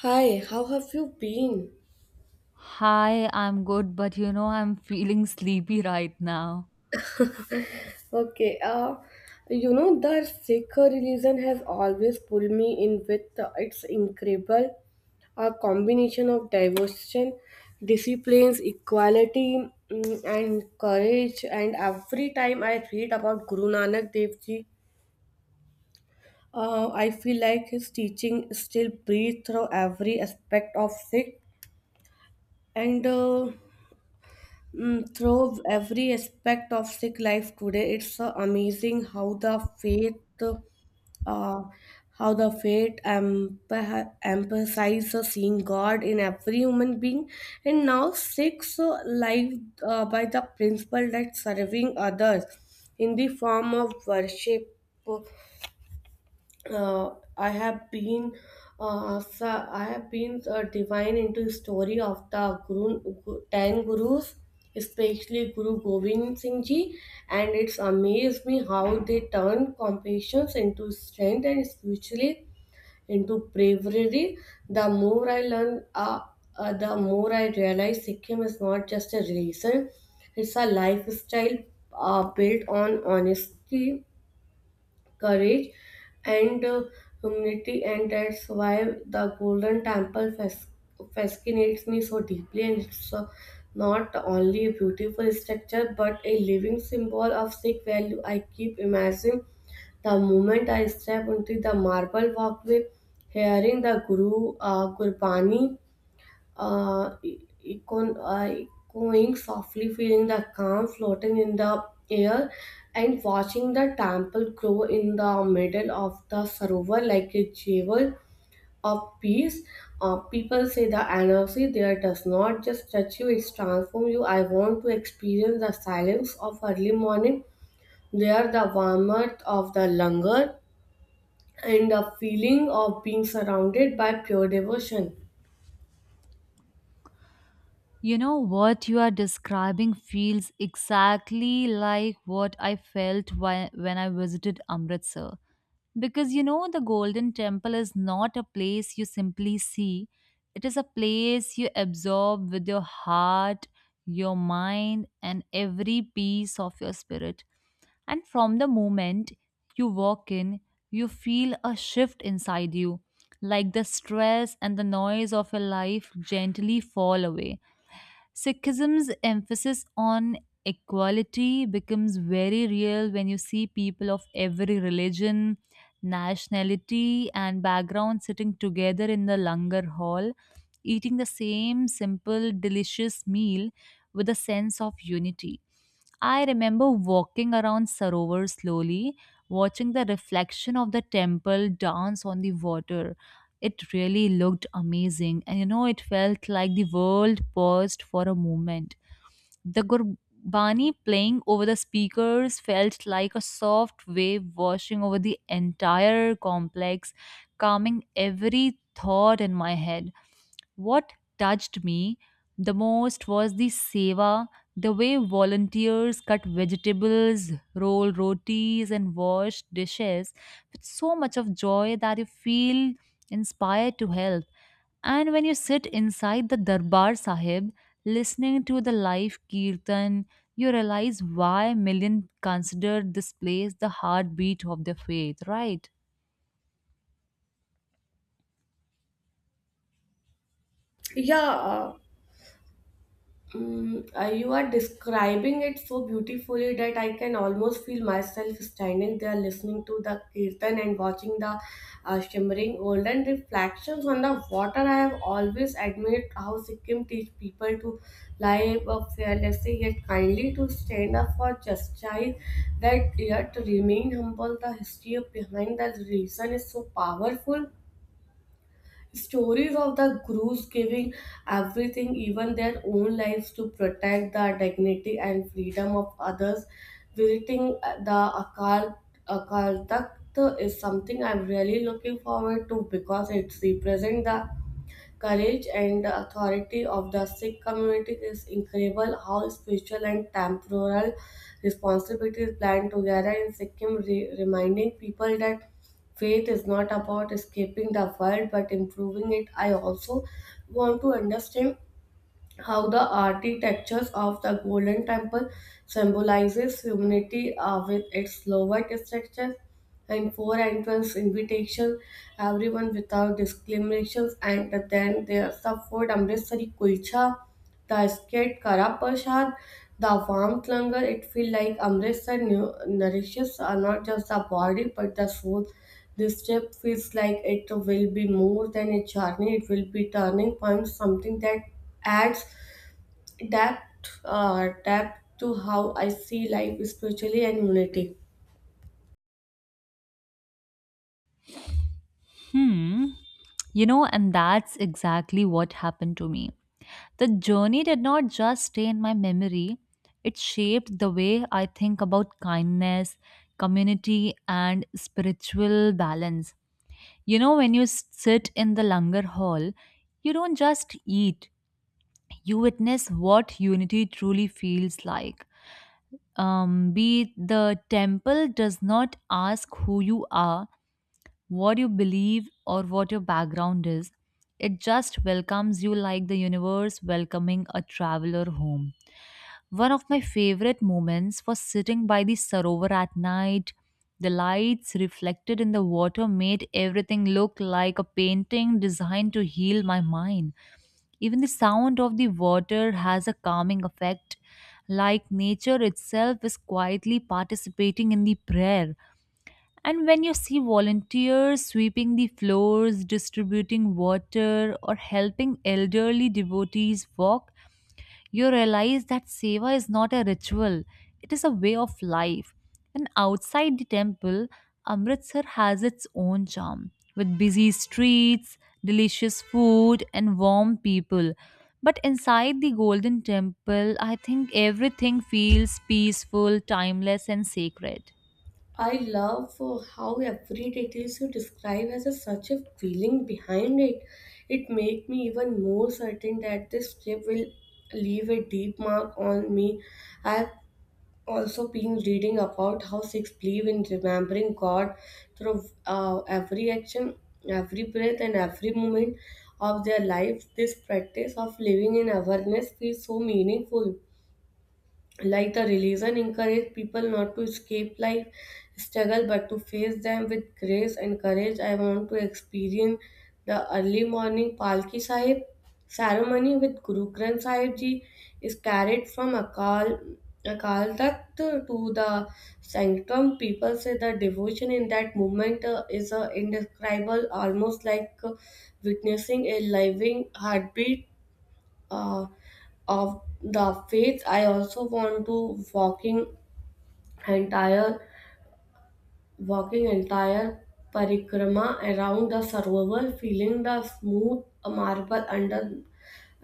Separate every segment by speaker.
Speaker 1: Hi, how have you been?
Speaker 2: Hi, I'm good, but you know, I'm feeling sleepy right now.
Speaker 1: Okay, uh, you know the Sikh religion has always pulled me in with its incredible combination of devotion, disciplines, equality, and courage. And every time I read about Guru Nanak Dev Ji, I feel like his teaching still breathes through every aspect of Sikh. And uh, Through every aspect of Sikh life today, it's amazing uh, how the faith emphasizes seeing God in every human being. And now Sikhs live by the principle that serving others in the form of worship uh, I have been so I have been divine into story of the Guru, ten gurus, especially Guru Gobind Singh Ji, and it's amazed me how they turned compassion into strength and spiritually into bravery. The more I learn, uh, the more I realize Sikkim is not just a religion; it's a lifestyle built on honesty, courage, and humility, and that's why the Golden Temple fascinates me so deeply, and it's not only a beautiful structure but a living symbol of Sikh value. I keep imagining the moment I step into the marble walkway, hearing the Guru Gurbani uh, echoing softly, feeling the calm floating in the air, and watching the temple grow in the middle of the sarovar like a jewel of peace. People say the energy there does not just touch you, it transforms you. I want to experience the silence of early morning, there the warmth of the langar, and the feeling of being surrounded by pure devotion.
Speaker 2: You know what you are describing feels exactly like what I felt when I visited Amritsar. Because you know, the Golden Temple is not a place you simply see, it is a place you absorb with your heart, your mind, and every piece of your spirit. And from the moment you walk in, you feel a shift inside you, like the stress and the noise of your life gently fall away. Sikhism's emphasis on equality becomes very real when you see people of every religion, nationality, and background sitting together in the Langar Hall, eating the same simple, delicious meal with a sense of unity. I remember walking around Sarovar slowly, watching the reflection of the temple dance on the water. It really looked amazing, and you know, it felt like the world paused for a moment. The Gurbani playing over the speakers felt like a soft wave washing over the entire complex, calming every thought in my head. What touched me the most was the seva, the way volunteers cut vegetables, roll rotis, and wash dishes with so much of joy that you feel inspired to help. And when you sit inside the Darbar Sahib, listening to the live kirtan, you realize why millions consider this place the heartbeat of their faith, right?
Speaker 1: Yeah, you are describing it so beautifully that I can almost feel myself standing there listening to the kirtan and watching the shimmering golden reflections on the water. I have always admired how Sikkim teach people to live a fearlessly yet kindly, to stand up for justice, that yet remain humble. The history of behind the reason is so powerful. Stories of the crews giving everything, even their own lives, to protect the dignity and freedom of others. Visiting the Akal Takht is something I'm really looking forward to because it represents the courage and authority of the Sikh community. Is incredible how spiritual and temporal responsibilities blend together in Sikkim, reminding people that faith is not about escaping the world but improving it. I also want to understand how the architectures of the Golden Temple symbolizes humanity with its lower structure and four entrance invitation, everyone without discriminations, and then there's the food Amritsari kulcha, the skate Kara Prasad, the warm langar. It feels like Amritsar nourishes not just the body but the soul. This trip feels like it will be more than a journey, it will be turning point, something that adds depth to how I see life spiritually and unity.
Speaker 2: Hmm. You know, and that's exactly what happened to me. The journey did not just stay in my memory, it shaped the way I think about kindness, community, and spiritual balance. You know, when you sit in the Langar Hall, you don't just eat, you witness what unity truly feels like. Be it The temple does not ask who you are, what you believe, or what your background is. It just welcomes you like the universe welcoming a traveler home. One of my favorite moments was sitting by the Sarovar at night. The lights reflected in the water made everything look like a painting designed to heal my mind. Even the sound of the water has a calming effect, like nature itself is quietly participating in the prayer. And when you see volunteers sweeping the floors, distributing water, or helping elderly devotees walk, you realize that seva is not a ritual, it is a way of life. And outside the temple, Amritsar has its own charm with busy streets, delicious food, and warm people. But inside the Golden Temple, I think everything feels peaceful, timeless, and sacred.
Speaker 1: I love how every details you describe has a, such a feeling behind it. It make me even more certain that this trip will leave a deep mark on me. I've also been reading about how Sikhs believe in remembering God through every action, every breath, and every moment of their lives. This practice of living in awareness feels so meaningful, like the religion encourage people not to escape life struggle but to face them with grace and courage. I want to experience the early morning Palki Sahib ceremony with Guru Granth Sahib Ji is carried from Akal Takht to the sanctum. People say the devotion in that movement is indescribable, almost like witnessing a living heartbeat uh, of the faith. I also want to entire walking entire parikrama around the sarovar, feeling the smooth marble under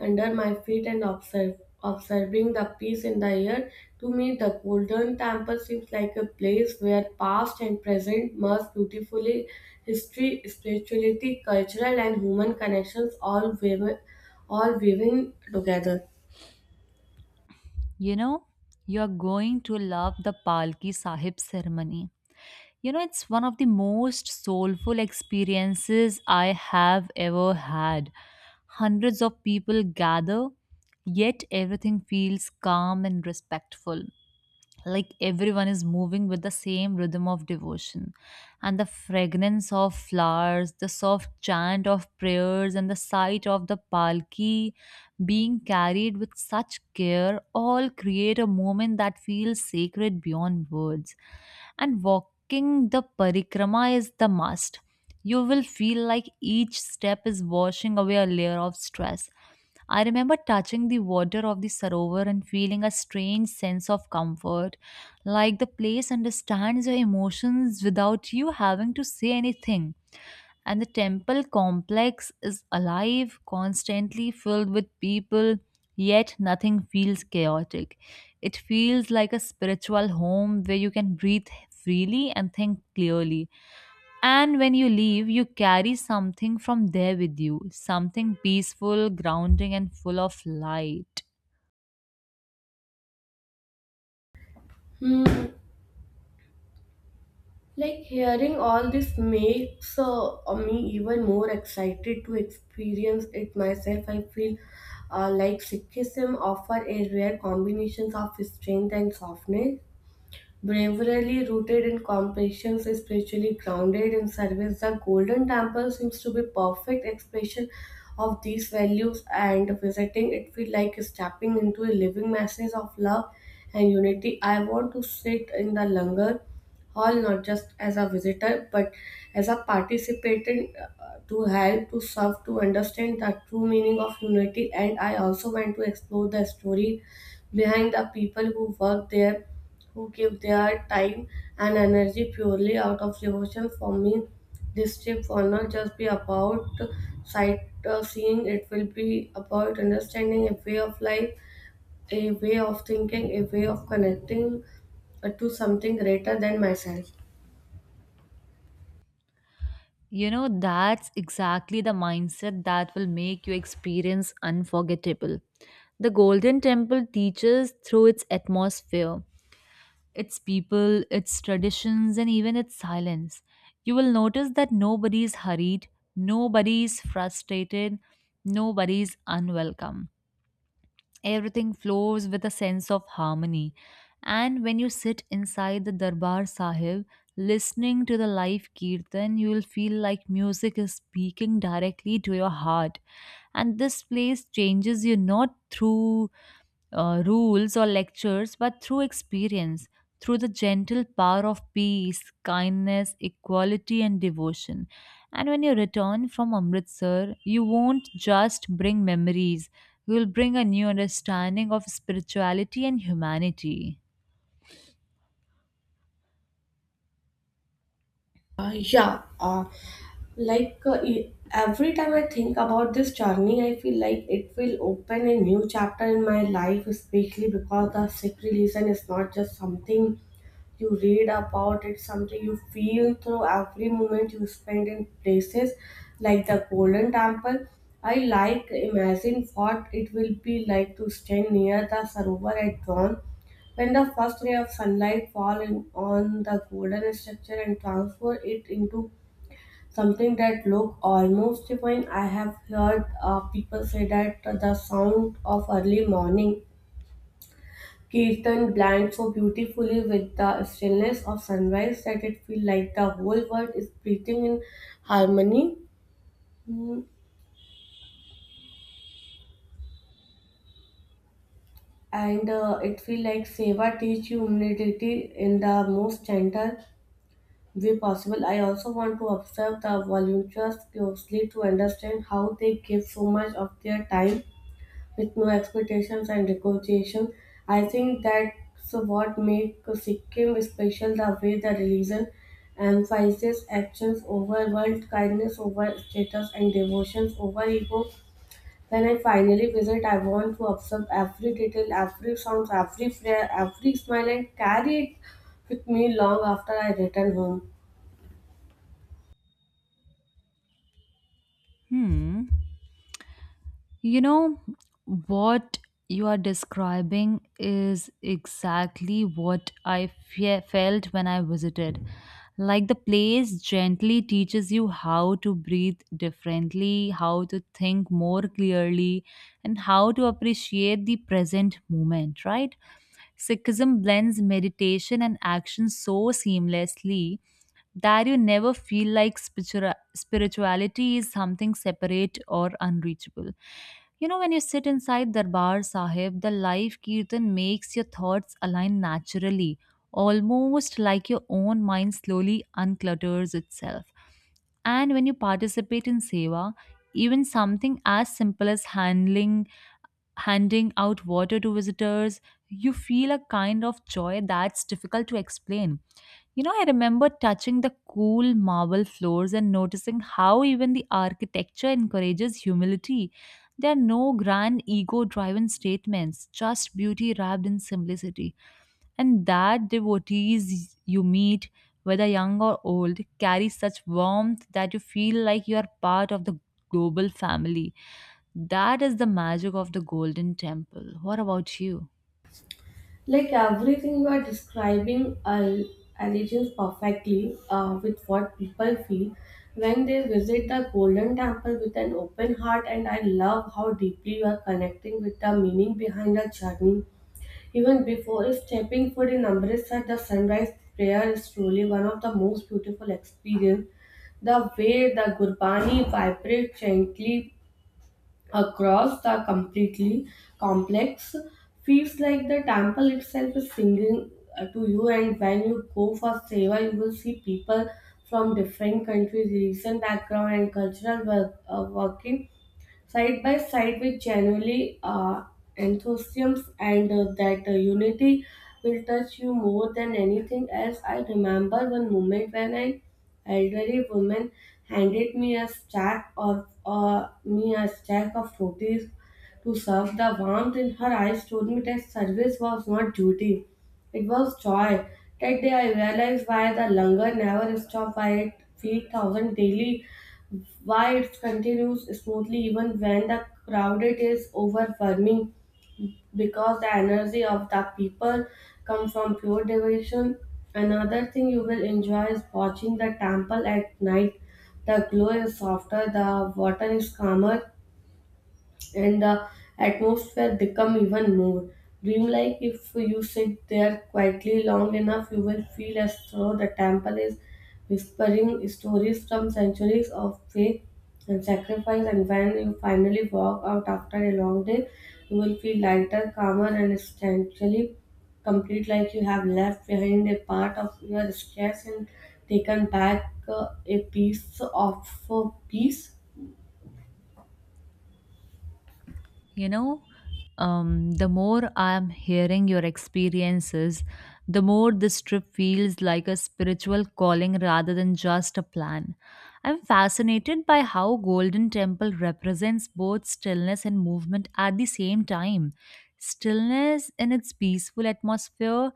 Speaker 1: under my feet and observing the peace in the air. To me, the Golden Temple seems like a place where past and present merge beautifully. History, spirituality, cultural, and human connections all woven together.
Speaker 2: You know, you are going to love the Palki Sahib ceremony. You know, it's one of the most soulful experiences I have ever had. Hundreds of people gather, yet everything feels calm and respectful, like everyone is moving with the same rhythm of devotion, and the fragrance of flowers, the soft chant of prayers, and the sight of the palki being carried with such care all create a moment that feels sacred beyond words. And walking the parikrama is the must. You will feel like each step is washing away a layer of stress. I remember touching the water of the sarovar and feeling a strange sense of comfort, like the place understands your emotions without you having to say anything. And the temple complex is alive, constantly filled with people, yet nothing feels chaotic. It feels like a spiritual home where you can breathe freely and think clearly. And when you leave, you carry something from there with you, something peaceful, grounding, and full of light.
Speaker 1: Hmm. Like hearing all this makes me even more excited to experience it myself. I feel like Sikhism offer a rare combination of strength and softness. Bravery rooted in compassion, spiritually grounded in service, the Golden Temple seems to be perfect expression of these values, and visiting it feel like stepping into a living message of love and unity. I want to sit in the Langar Hall not just as a visitor but as a participant, to help, to serve, to understand the true meaning of unity. And I also want to explore the story behind the people who work there, who give their time and energy purely out of devotion. For me, this trip will not just be about sightseeing, it will be about understanding a way of life, a way of thinking, a way of connecting to something greater than myself.
Speaker 2: You know, that's exactly the mindset that will make your experience unforgettable. The Golden Temple teaches through its atmosphere, its people, its traditions, and even its silence. You will notice that nobody is hurried, nobody is frustrated, nobody is unwelcome. Everything flows with a sense of harmony. And when you sit inside the Darbar Sahib, listening to the live kirtan, you will feel like music is speaking directly to your heart. And this place changes you not through rules or lectures, but through experience, through the gentle power of peace, kindness, equality, and devotion. And when you return from Amritsar, you won't just bring memories, you will bring a new understanding of spirituality and humanity.
Speaker 1: Yeah, every time I think about this journey, I feel like it will open a new chapter in my life, especially because the sick relation is not just something you read about, it's something you feel through every moment you spend in places like the Golden Temple. I like imagine what it will be like to stand near the Sarovar at dawn when the first ray of sunlight fall in on the golden structure and transfer it into something that look almost divine. I have heard people say that the sound of early morning kirtan blends so beautifully with the stillness of sunrise that it feels like the whole world is breathing in harmony. Mm, And It feels like Seva teach you humility in the most gentle way possible. I also want to observe the volunteers closely to understand how they give so much of their time with no expectations and recognition. I think that's what makes Sikkim special, the way the religion emphasizes actions over world, kindness over status, and devotions over ego. When I finally visit, I want to observe every detail, every sound, every prayer, every smile, and carry it with me long after I return home.
Speaker 2: Hmm. You know, what you are describing is exactly what I felt when I visited. Like the place gently teaches you how to breathe differently, how to think more clearly, and how to appreciate the present moment, right? Sikhism blends meditation and action so seamlessly that you never feel like spirituality is something separate or unreachable. You know, when you sit inside Darbar Sahib, the live kirtan makes your thoughts align naturally, almost like your own mind slowly unclutters itself. And when you participate in seva, even something as simple as handling handing out water to visitors, you feel a kind of joy that's difficult to explain. You know, I remember touching the cool marble floors and noticing how even the architecture encourages humility. There are no grand ego driven statements, just beauty wrapped in simplicity. And that devotees you meet, whether young or old, carry such warmth that you feel like you are part of the global family. That is the magic of the Golden Temple. What about you?
Speaker 1: Like everything you are describing aligns perfectly with what people feel when they visit the Golden Temple with an open heart, and I love how deeply you are connecting with the meaning behind the journey. Even before stepping foot in Amritsar, the sunrise prayer is truly one of the most beautiful experiences. The way the Gurbani vibrates gently across the completely complex feels like the temple itself is singing to you. And when you go for seva, you will see people from different countries, religion, background, and working side by side with genuinely enthusiasm, and that unity will touch you more than anything else. I remember one moment when an elderly woman handed me a stack of rotis to serve. The warmth in her eyes told me that service was not duty; it was joy. That day I realized why the langar never stopped by feed thousand daily, why it continues smoothly even when the crowd it is overwhelming, because the energy of the people come from pure devotion. Another thing you will enjoy is watching the temple at night. The glow is softer, the water is calmer, and the atmosphere become even more dreamlike. If you sit there quietly long enough, you will feel as though the temple is whispering stories from centuries of faith and sacrifice, and when you finally walk out after a long day, you will feel lighter, calmer, and essentially complete, like you have left behind a part of your stress and taken back a piece of peace.
Speaker 2: You know, the more I'm hearing your experiences, the more this trip feels like a spiritual calling rather than just a plan. I'm fascinated by how Golden Temple represents both stillness and movement at the same time. Stillness in its peaceful atmosphere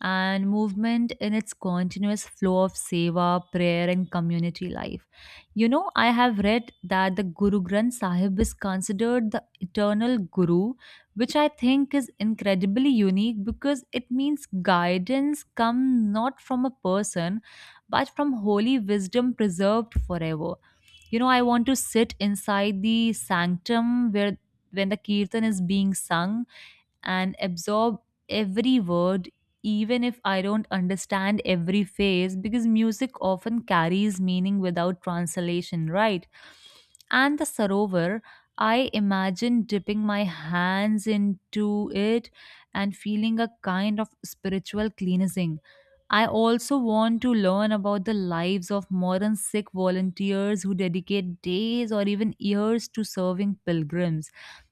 Speaker 2: and movement in its continuous flow of seva, prayer, and community life. You know, I have read that the Guru Granth Sahib is considered the eternal Guru, which I think is incredibly unique because it means guidance comes not from a person but from holy wisdom preserved forever. You know, I want to sit inside the sanctum where when the kirtan is being sung and absorb every word, even if I don't understand every phrase, because music often carries meaning without translation, right? And the Sarovar, I imagine dipping my hands into it and feeling a kind of spiritual cleansing. I also want to learn about the lives of modern Sikh volunteers who dedicate days or even years to serving pilgrims.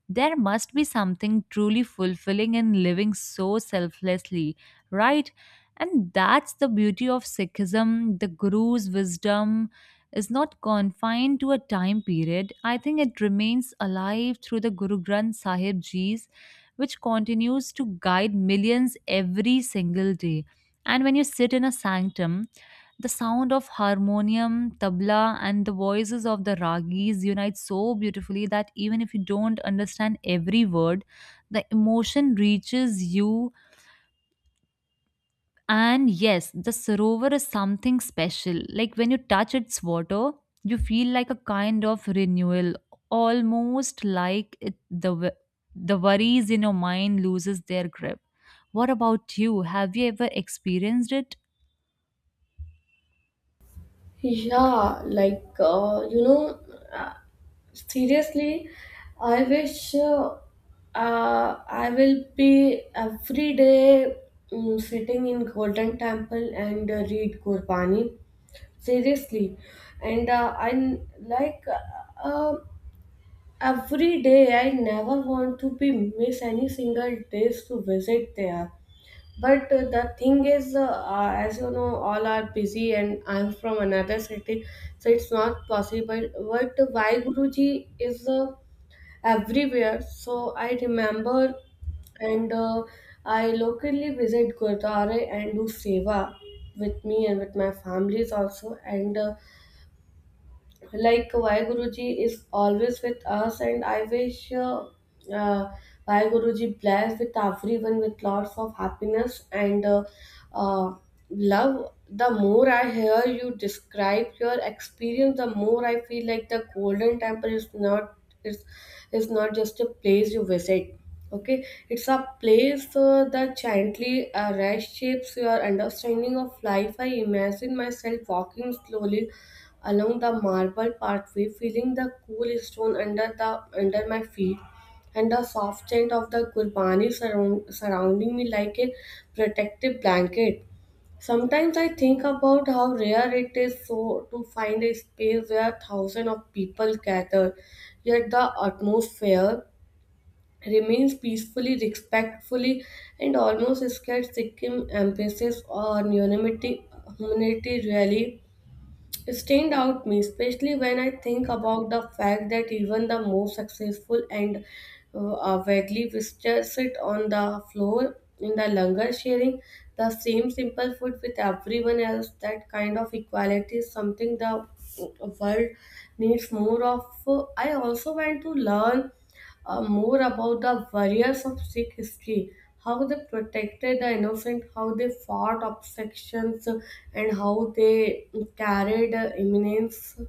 Speaker 2: There must be something truly fulfilling in living so selflessly, right? And that's the beauty of Sikhism. The Guru's wisdom is not confined to a time period. I think it remains alive through the Guru Granth Sahib Ji's, which continues to guide millions every single day. And when you sit in a sanctum, the sound of harmonium, tabla, and the voices of the ragis unite so beautifully that even if you don't understand every word, the emotion reaches you. And yes, the sarovar is something special. Like when you touch its water, you feel like a kind of renewal, almost like the worries in your mind loses their grip. What about you? Have you ever experienced it?
Speaker 1: Yeah, uh, seriously, I wish I will be every day sitting in Golden Temple and read Gurbani. Seriously, and I n- like uh, uh, every day. I never want to be miss any single days to visit there. But the thing is, as you know, all are busy, and I'm from another city, so it's not possible. But why Guruji is everywhere? So I remember, and I locally visit Gurdwara and do seva with me and with my families also. And Like Vai Guruji is always with us, and I wish uh, Vai Guruji bless with everyone with lots of happiness and uh, love. The more I hear you describe your experience, the more I feel like the Golden Temple is is not just a place you visit. Okay, it's a place that gently reshapes your understanding of life. I imagine myself walking slowly along the marble pathway, feeling the cool stone under my feet and the soft scent of the gurbani surrounding me like a protective blanket. Sometimes I think about how rare it is so to find a space where thousands of people gather, yet the atmosphere remains peacefully, respectfully, and almost scared. Sikkim embassies on unanimity, humanity really it stand out me, especially when I think about the fact that even the most successful and vaguely visitors sit on the floor in the longer sharing the same simple food with everyone else. That kind of equality is something the world needs more of. I also want to learn more about the warriors of Sikh history, how they protected the innocent, how they fought obstructions, and how they carried immense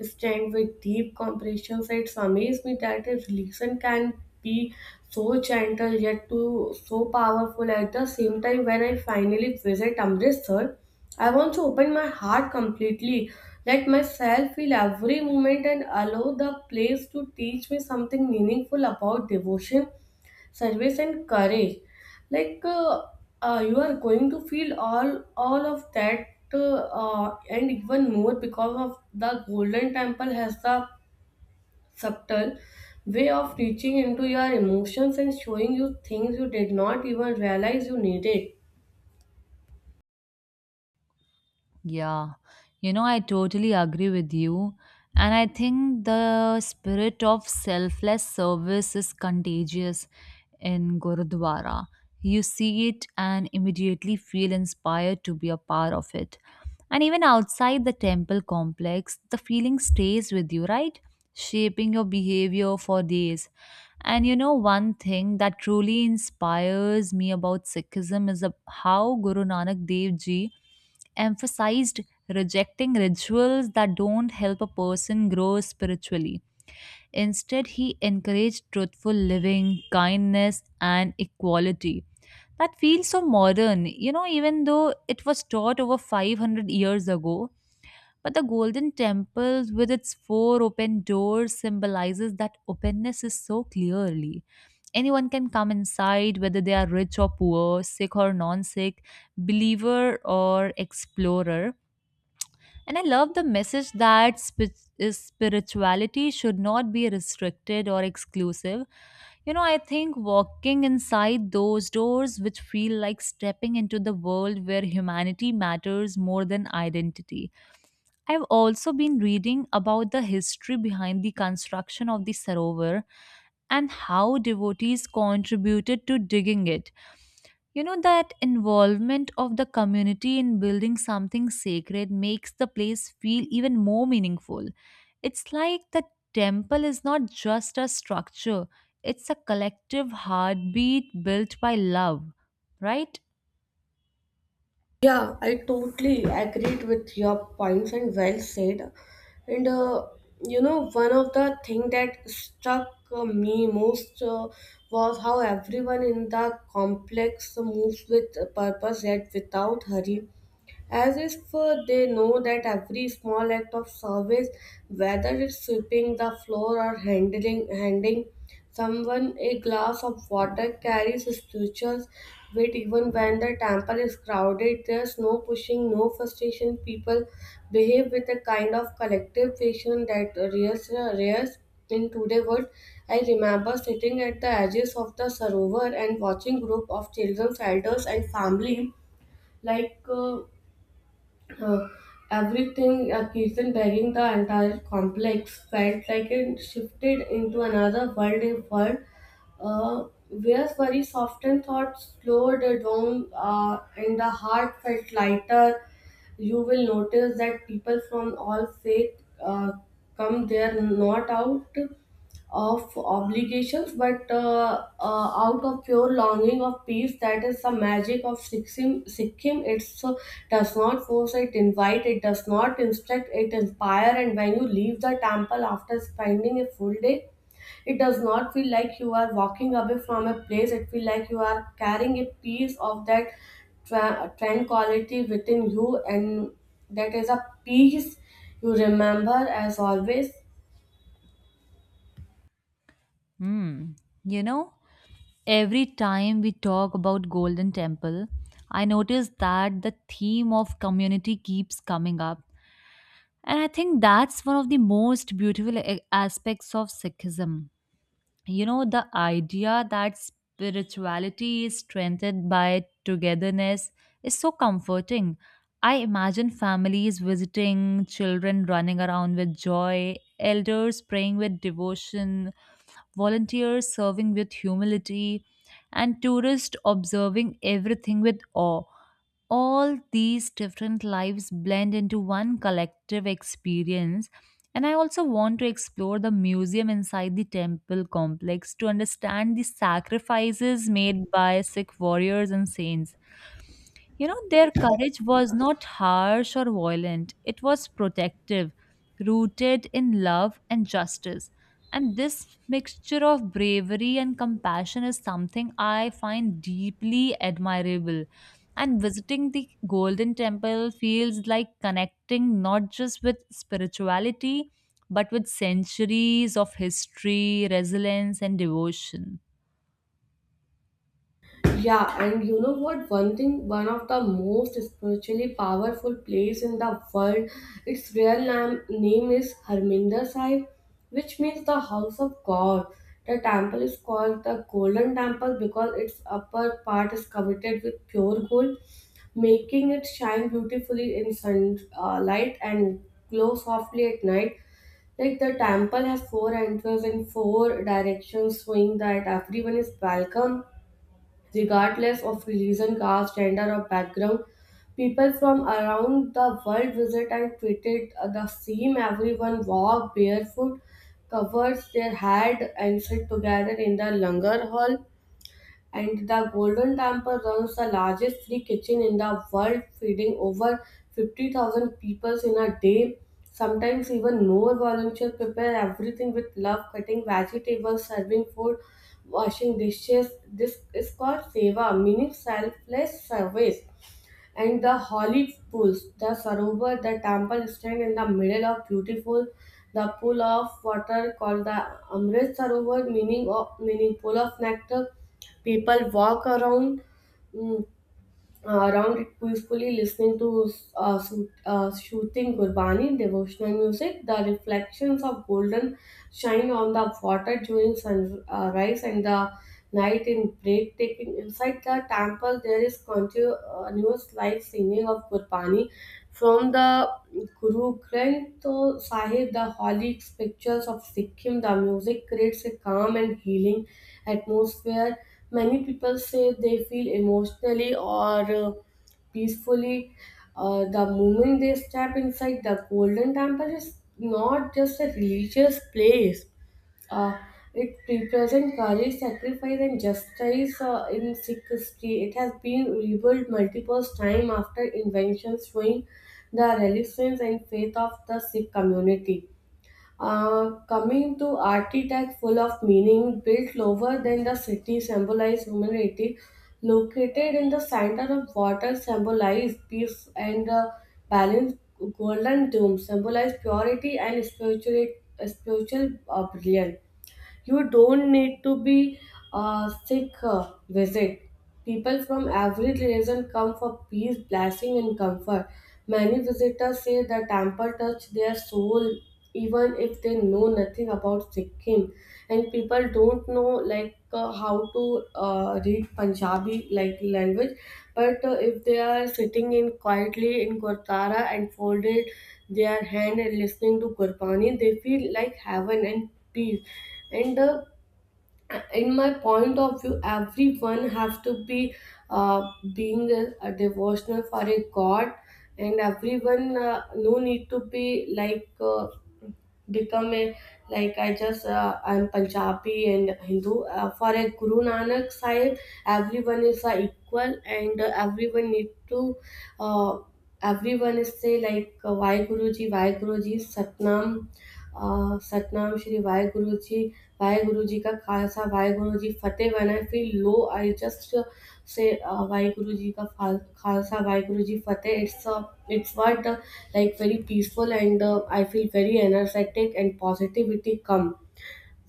Speaker 1: strength with deep comprehension. It's amazed me that a religion can be so gentle yet to so powerful at the same time when I finally visit Amritsar. I want to open my heart completely, let myself feel every moment, and allow the place to teach me something meaningful about devotion, service, and courage. Like uh, you are going to feel all of that and even more because of the Golden Temple has the subtle way of reaching into your emotions and showing you things you did not even realize you needed.
Speaker 2: Yeah, you know, I totally agree with you. And I think the spirit of selfless service is contagious in Gurudwara. You see it and immediately feel inspired to be a part of it. And even outside the temple complex, the feeling stays with you, right? Shaping your behavior for days. And you know, one thing that truly inspires me about Sikhism is how Guru Nanak Dev Ji emphasized rejecting rituals that don't help a person grow spiritually. Instead, he encouraged truthful living, kindness, and equality. That feels so modern, you know, even though it was taught over 500 years ago. But the Golden Temple, with its four open doors, symbolizes that openness is so clearly. Anyone can come inside, whether they are rich or poor, sick or non sick, believer or explorer, and I love the message that spi- is spirituality should not be restricted or exclusive. You know, I think walking inside those doors, which feel like stepping into the world where humanity matters more than identity. I've also been reading about the history behind the construction of the Sarovar and how devotees contributed to digging it. You know, that involvement of the community in building something sacred makes the place feel even more meaningful. It's like the temple is not just a structure, it's a collective heartbeat built by love, right?
Speaker 1: Yeah, I totally agreed with your points and well said. And You know, one of the thing that struck me most was how everyone in the complex moves with purpose yet without hurry as if they know that every small act of service, whether it's sweeping the floor or handling handing someone a glass of water, carries spiritual weight even when the temple is crowded. There's no pushing, no frustration. People behave with a kind of collective patience that rears in today's world. I remember sitting at the edges of the Sarovar and watching group of children, elders, and family like. Uh, Everything a kitchen begging the entire complex felt like it shifted into another world a world where very softened thoughts slowed down and the heart felt lighter you will notice that people from all faith come there not out of obligations, but out of pure longing of peace. That is the magic of Sikkim. Sikkim. It does not force, it invite, it does not instruct, it inspire. And when you leave the temple after spending a full day, it does not feel like you are walking away from a place. It feels like you are carrying a piece of that tranquility within you, and that is a peace you remember as always.
Speaker 2: Hmm. You know, every time we talk about Golden Temple, I notice that the theme of community keeps coming up. And I think that's one of the most beautiful aspects of Sikhism. You know, the idea that spirituality is strengthened by togetherness is so comforting. I imagine families visiting, children running around with joy, elders praying with devotion, volunteers serving with humility, and tourists observing everything with awe, all these different lives blend into one collective experience. And I also want to explore the museum inside the temple complex to understand the sacrifices made by Sikh warriors and saints. You know, their courage was not harsh or violent, it was protective, rooted in love and justice. And this mixture of bravery and compassion is something I find deeply admirable. And visiting the Golden Temple feels like connecting not just with spirituality, but with centuries of history, resilience, and devotion.
Speaker 1: Yeah, and you know what? One thing, one of the most spiritually powerful place in the world, its real name is Harminder Sahib, which means the house of God. The temple is called the Golden Temple because its upper part is covered with pure gold, making it shine beautifully in sunlight and glow softly at night. Like the temple has four entrances in four directions, showing that everyone is welcome, regardless of religion, caste, gender, or background. People from around the world visit and treated the same. Everyone walk barefoot, covers their head, and sit together in the langar hall, and the Golden Temple runs the largest free kitchen in the world, feeding over 50,000 people in a day. Sometimes even more volunteers prepare everything with love, cutting vegetables, serving food, washing dishes. This is called seva, meaning selfless service, and the holy pools the sarovar the temple stand in the middle of beautiful the pool of water called the amrit sarovar meaning of meaning pool of nectar people walk around mm, around it peacefully listening to su shooting Gurbani devotional music, the reflections of golden shine on the water during sunrise and the night in breathtaking. Inside the temple, there is continuous live singing of Gurbani from the Guru Granth Sahib, the holy pictures of Sikkim. The music creates a calm and healing atmosphere. Many people say they feel emotionally or peacefully. The moment they step inside the Golden Temple is not just a religious place. Uh, it represents courage, sacrifice, and justice in Sikh history. It has been rebuilt multiple times after inventions, showing the resilience and faith of the Sikh community. Coming to architect full of meaning, built lower than the city symbolize humanity, located in the center of water symbolize peace and balance. Golden dome symbolize purity and spiritual brilliance. You don't need to be a sick visit. People from every religion come for peace, blessing, and comfort. Many visitors say the temple touched their soul, even if they know nothing about Sikkim. And people don't know how to read Punjabi like language, but if they are sitting in quietly in Gurdwara and folded they are hand and listening to Gurbani, they feel like heaven and peace. And In my point of view, everyone have to be being a devotional for a God, and everyone no need to be become a I'm Punjabi and Hindu. For a Guru Nanak Sahib, everyone is equal and everyone need to uh, everyone is say Why Guruji, Why Guruji, Satnam Satnam Shri Waheguru ji का खालसा वाहेगुरु जी फतेह when I feel low I just Waheguru ji का फाल खालसा वाहेगुरु जी फतेह it's a it's what like very peaceful and I feel very energetic and positivity come.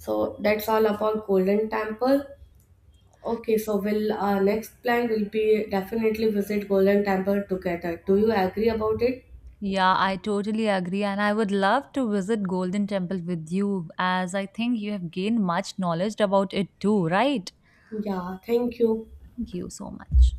Speaker 1: So that's all about Golden Temple. Okay, so will our next plan will be definitely visit Golden Temple together, do you agree about it?
Speaker 2: Yeah, I totally agree. And I would love to visit Golden Temple with you as I think you have gained much knowledge about it too, right?
Speaker 1: Yeah, thank you.
Speaker 2: Thank you so much.